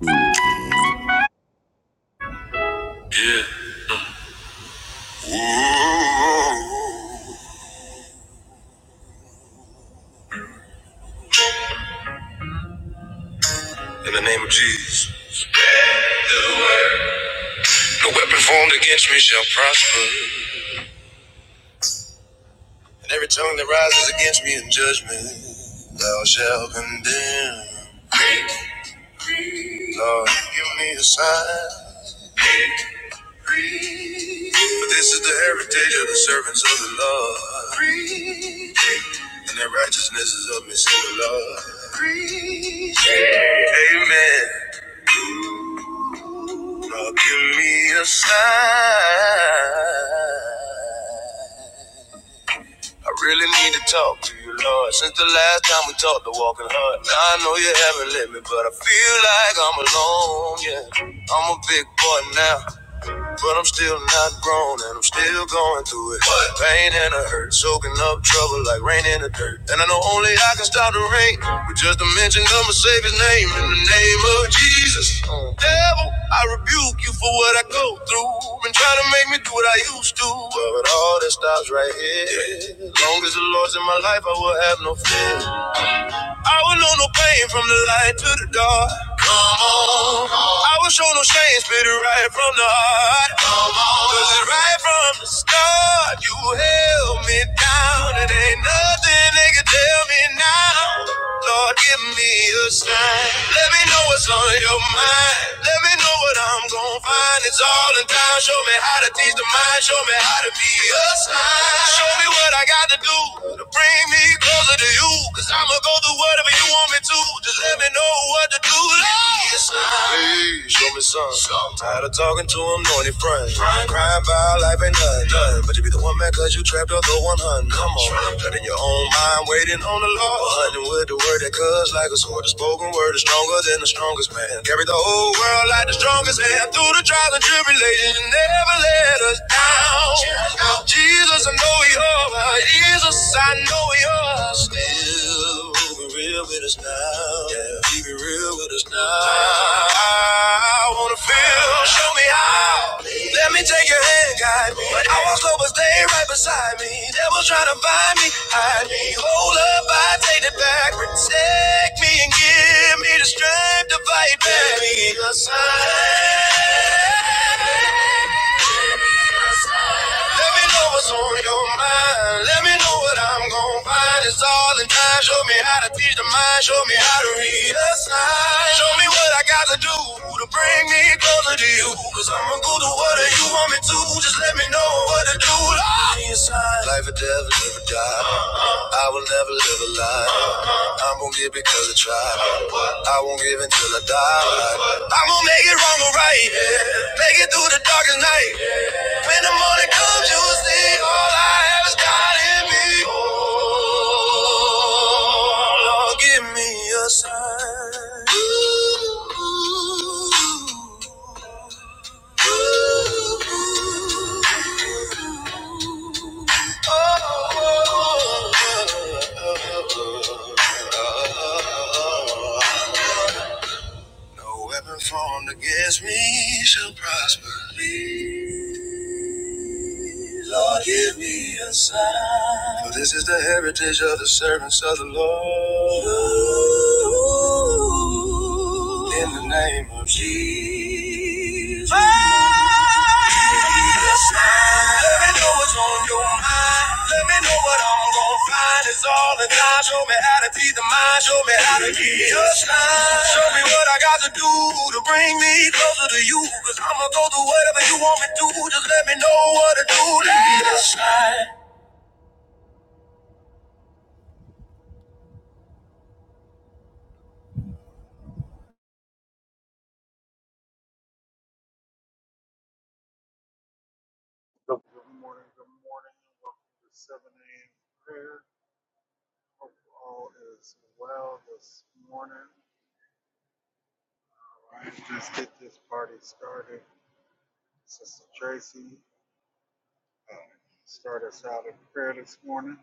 Amen. In the name of Jesus. No weapon formed against me shall prosper. And every tongue that rises against me in judgment, thou shalt condemn. Lord, give me a sign. For this is the heritage of the servants of the Lord. And their righteousness is of me, say the Lord. Amen. Lord, give me a sign. I really need to talk to you, Lord. Since the last time we talked, the walking hard. Now I know you haven't let me, but I feel like I'm alone. Yeah, I'm a big boy now. But I'm still not grown and I'm still going through it. Pain and a hurt, soaking up trouble like rain in the dirt. And I know only I can stop the rain with just a mention of my Savior's name in the name of Jesus. Uh. Devil, I rebuke you for what I go through. Been trying to make me do what I used to, but all that stops right here. Long as the Lord's in my life, I will have no fear. I was on no pain from the light to the dark. Come on. I was shown no shame, split it right from the heart. Come on. Cause it right from the start, you held me down. It ain't nothing they can tell me now. Lord, give me a sign. Let me know what's on your mind. Let me know what I'm gonna find. It's all in time. Show me how to teach the mind. Show me how to be a sign. Show me what I got to do to bring me closer to you. Cause I'ma go through whatever you want me to. Just let me know what to do. Lord. Be a sign. Hey, show me some. Tired of talking to him, knowing he front. Crying about life ain't nothing. but you be the one woman cause you trapped up the 100. Come on. Cut in your own mind, waiting on the Lord. Hunting with the word that cuts like a sword. The spoken word is stronger than the strongest man. Carry the whole world like the strongest man. Through the trials and tribulations, you never let us down. Jesus, I know you're right. Jesus, I know you're right. still real with us now. Yeah, be real with us now. I wanna feel Show me how. Let me take your hand, guide me. I walked over, stay right beside me. Devil trying to find me, hide me. Hold up, I take it back. Protect me and give me the strength to fight back. Give me a sign. Let me know what's on your mind. Let me know what I'm gonna find. It's all in time. Show me how to teach the mind. Show me how to read a sign. Show me what I got to do to bring me closer to you. Cause I'ma go to whatever you want me to. Just let me know what to do. Lord. Life or death, live or die. I will never live a lie. I'm gonna give it till I tried. I won't give until I die. I'm gonna make it wrong or right. Make it through the darkest night. When the morning comes, you'll see all I have is God in me. Oh, Lord, give me a sign. Ooh, ooh, ooh. No weapon formed against me shall prosper. Please, Lord, give me a sign. For this is the heritage of the servants of the Lord. In the name of Jesus. Give me a sign me know what's on your mind. Let me know what I'm gonna find. It's all in time. Show me how to feed the mind. Show me how to get just line. Show me what I got to do to bring me closer to you. Cause I'ma go through whatever you want me to. Just let me know what to do. Let me just slide. So good morning, good morning, and welcome to 7 a.m. prayer. Hope all is well this morning. All right, let's get this party started. Sister Tracy, uh, start us out in prayer this morning.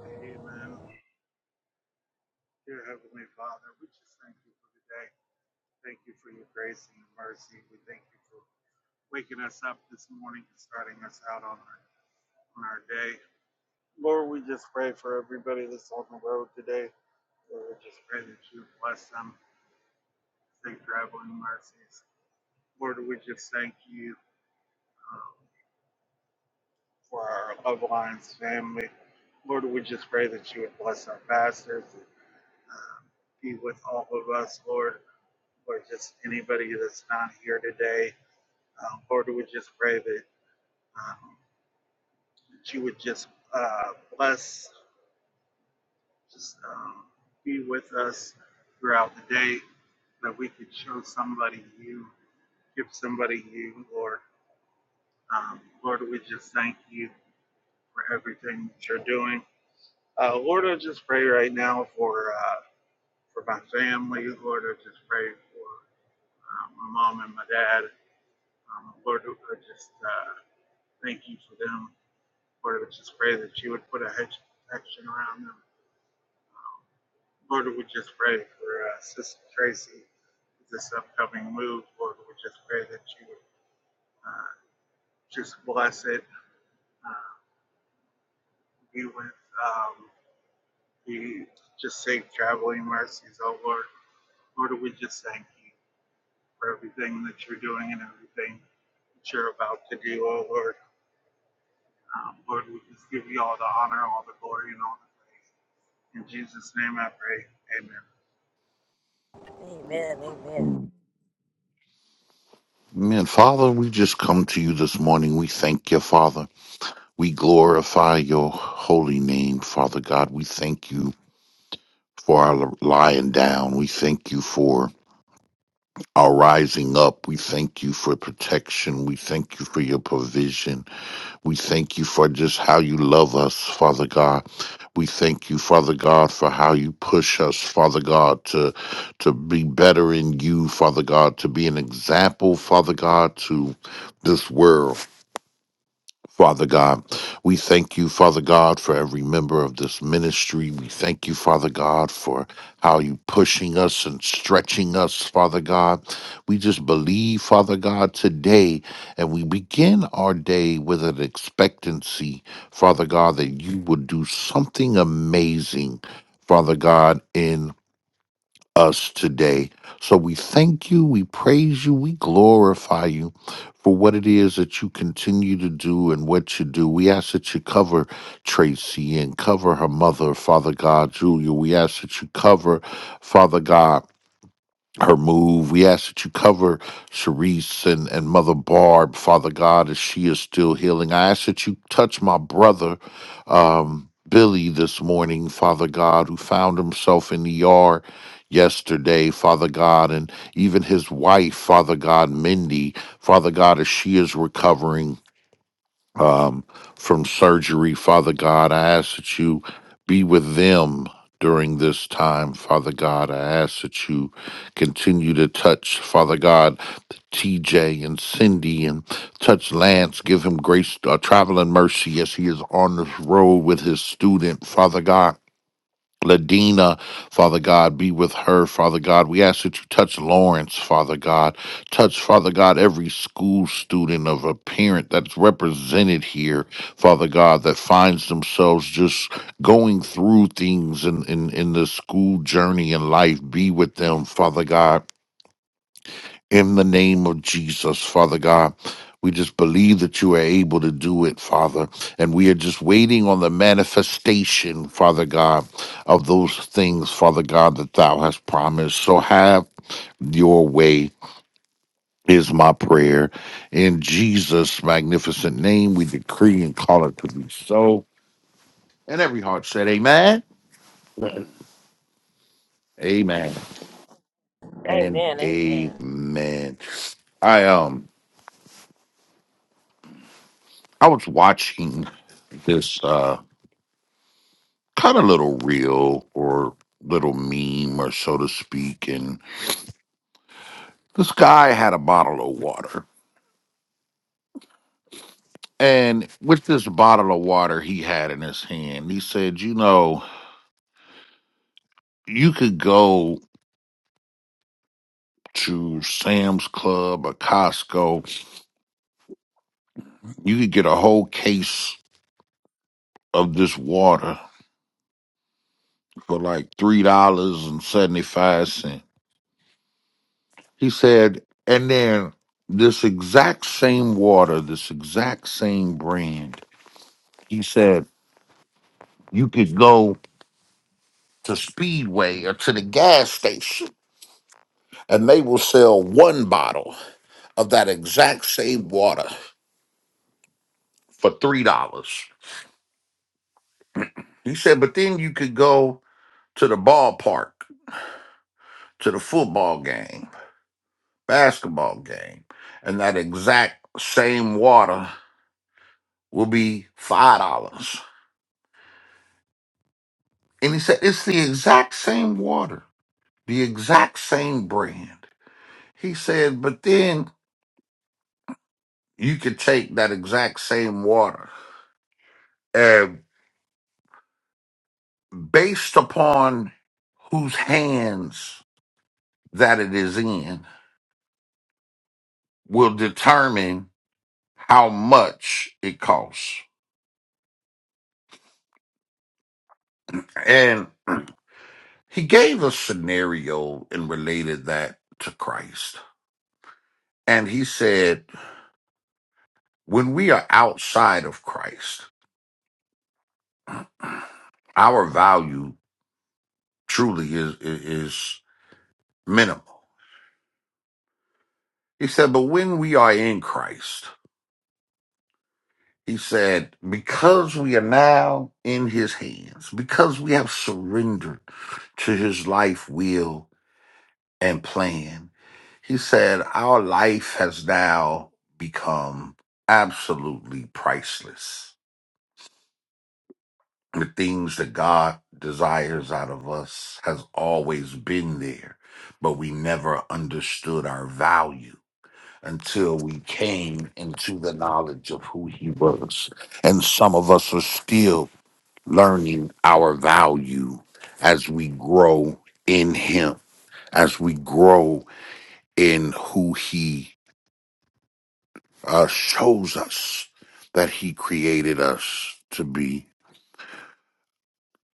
Amen. Dear Heavenly Father, we just thank you for today. Thank you for your grace and your mercy. We thank you for waking us up this morning and starting us out on our, on our day. Lord, we just pray for everybody that's on the road today. Lord, we just pray that you bless them, safe traveling mercies. Lord, we just thank you um, for our loved ones, family. Lord, we just pray that you would bless our pastors and um, be with all of us, Lord, or just anybody that's not here today. Um, Lord, we just pray that, um, that you would just uh, bless. Just um, be with us throughout the day that we could show somebody you, give somebody you, Lord. Um, Lord, we just thank you for everything that you're doing. Uh, Lord, I just pray right now for uh, for my family. Lord, I just pray for uh, my mom and my dad. Um, Lord, I just uh, thank you for them. Lord, I just pray that you would put a hedge of protection around them. Um, Lord, we just pray for uh, Sister Tracy, this upcoming move. Lord, we just pray that you uh, just bless it, uh, be with, um, be just safe traveling mercies, oh Lord. Lord, we just thank you for everything that you're doing and everything that you're about to do, oh Lord. Um, Lord, we just give you all the honor, all the glory, and all the praise. In Jesus' name I pray. Amen. Father, we just come to you this morning. We thank you, Father. We glorify your holy name, Father God. We thank you for our lying down. We thank you for our rising up. We thank you for protection. We thank you for your provision. We thank you for just how you love us, Father God. We thank you, Father God, for how you push us, Father God, to to be better in you, Father God, to be an example, Father God, to this world. Father God. We thank you, Father God, for every member of this ministry. We thank you, Father God, for how you pushing us and stretching us, Father God. We just believe, Father God, today, and we begin our day with an expectancy, Father God, that you will do something amazing, Father God, in us today. So we thank you, we praise you, we glorify you for what it is that you continue to do and what you do. We ask that you cover Tracy and cover her mother, Father God, Julia. We ask that you cover, Father God her move. We ask that you cover Sharice and, and Mother Barb, Father God, as she is still healing. I ask that you touch my brother, um, Billy, this morning, Father God, who found himself in the yard yesterday, Father God, and even his wife, Father God, Mindy, Father God, as she is recovering um, from surgery. Father God, I ask that you be with them during this time. Father God, I ask that you continue to touch, Father God, TJ and Cindy and touch Lance. Give him grace, uh, travel and mercy as he is on this road with his student, Father God. Ladina, Father God, be with her, Father God. We ask that you touch Lawrence, Father God. Touch, Father God, every school student of a parent that's represented here, Father God, that finds themselves just going through things in, in, in the school journey in life. Be with them, Father God in the name of Jesus, Father God. We just believe that you are able to do it, Father. And we are just waiting on the manifestation, Father God, of those things, Father God, that thou hast promised. So have your way. Is my prayer. In Jesus' magnificent name, we decree and call it to be so. And every heart said, Amen. Amen. And amen. I um I was watching this. uh. kind of little reel or little meme or so to speak and this guy had a bottle of water and with this bottle of water he had in his hand he said you know you could go to sam's club or costco you could get a whole case of this water for like three dollars and seventy five cents he said and then this exact same water this exact same brand he said you could go to Speedway or to the gas station and they will sell one bottle of that exact same water for three dollars. He said, but then you could go to the ballpark, to the football game, basketball game, and that exact same water will be five dollars. And he said, it's the exact same water, the exact same brand. He said, but then you could take that exact same water based upon whose hands that it is in will determine how much it costs. And he gave a scenario and related that to Christ. And he said, when we are outside of Christ, our value truly is, is, is minimal. He said, but when we are in Christ, he said, because we are now in his hands, because we have surrendered to his life, will, and plan. He said, Our life has now become absolutely priceless. The things that God desires out of us has always been there, but we never understood our value until we came into the knowledge of who he was. And some of us are still learning our value as we grow in him, as we grow in who He uh, shows us that He created us to be.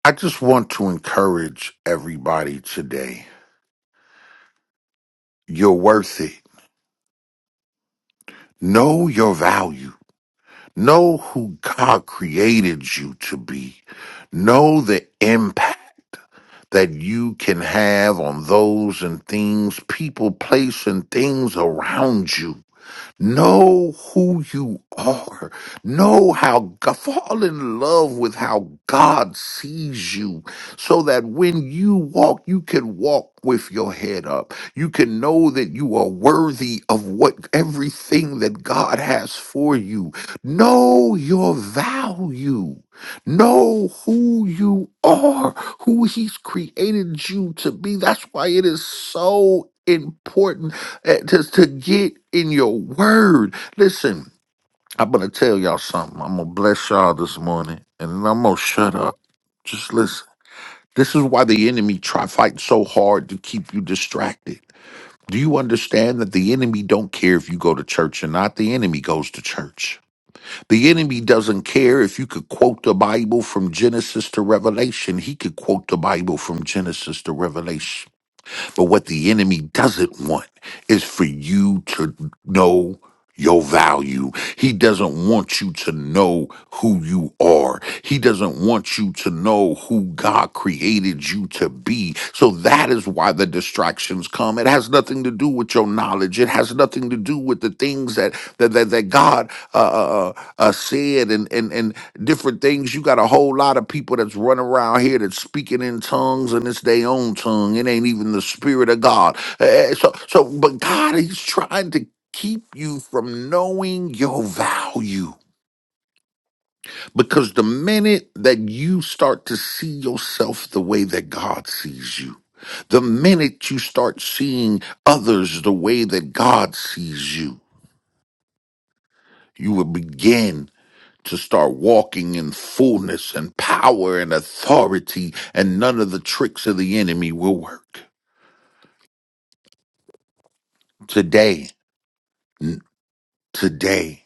I just want to encourage everybody today. You're worth it. Know your value. Know who God created you to be. Know the impact that you can have on those and things, people, place, and things around you. Know who you are. Know how, Go- fall in love with how God sees you so that when you walk, you can walk with your head up. You can know that you are worthy of what everything that God has for you. Know your value. Know who you are, who He's created you to be. That's why it is so important eh, just to get in your word. Listen, I'm gonna tell y'all something. I'm gonna bless y'all this morning, and then I'm gonna shut up. Just listen. This is why the enemy try fighting so hard to keep you distracted. Do you understand that the enemy don't care if you go to church or not? The enemy goes to church. The enemy doesn't care if you could quote the Bible from Genesis to Revelation. He could quote the Bible from Genesis to Revelation. But what the enemy doesn't want is for you to know your value. He doesn't want you to know who you are. He doesn't want you to know who God created you to be. So that is why the distractions come. It has nothing to do with your knowledge. It has nothing to do with the things that that that, that God uh, uh, uh, uh, said and and and different things. You got a whole lot of people that's running around here that's speaking in tongues and it's their own tongue. It ain't even the spirit of God. Eh, eh, So so, but God, He's trying to keep you from knowing your value. Because the minute that you start to see yourself the way that God sees you, the minute you start seeing others the way that God sees you, you will begin to start walking in fullness and power and authority, and none of the tricks of the enemy will work. Today, today.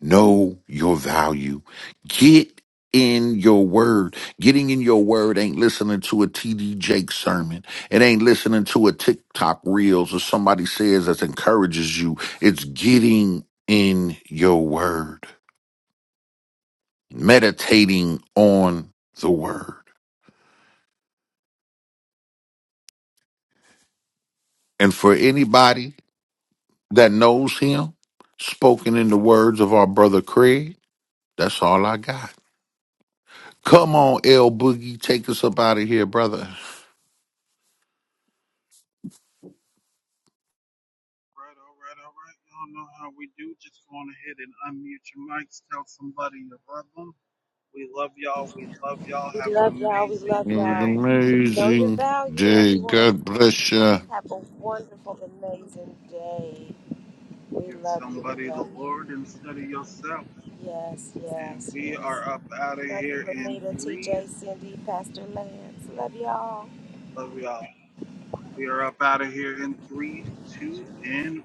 Know your value. Get in your word. Getting in your word ain't listening to a TD Jake sermon. It ain't listening to a TikTok reels or somebody says that encourages you. It's getting in your word, meditating on the word. And for anybody that knows him, spoken in the words of our brother Craig, that's all I got. Come on, L Boogie, take us up out of here, brother. Right, all right, all right. Y'all know how we do. Just go on ahead and unmute your mics. Tell somebody you love them. We love y'all. We love y'all. Have an amazing It an day. amazing day. God bless you. Give somebody the Lord instead of yourself. And we are up out of here in three. Love y'all. We are up out of here in three, two, and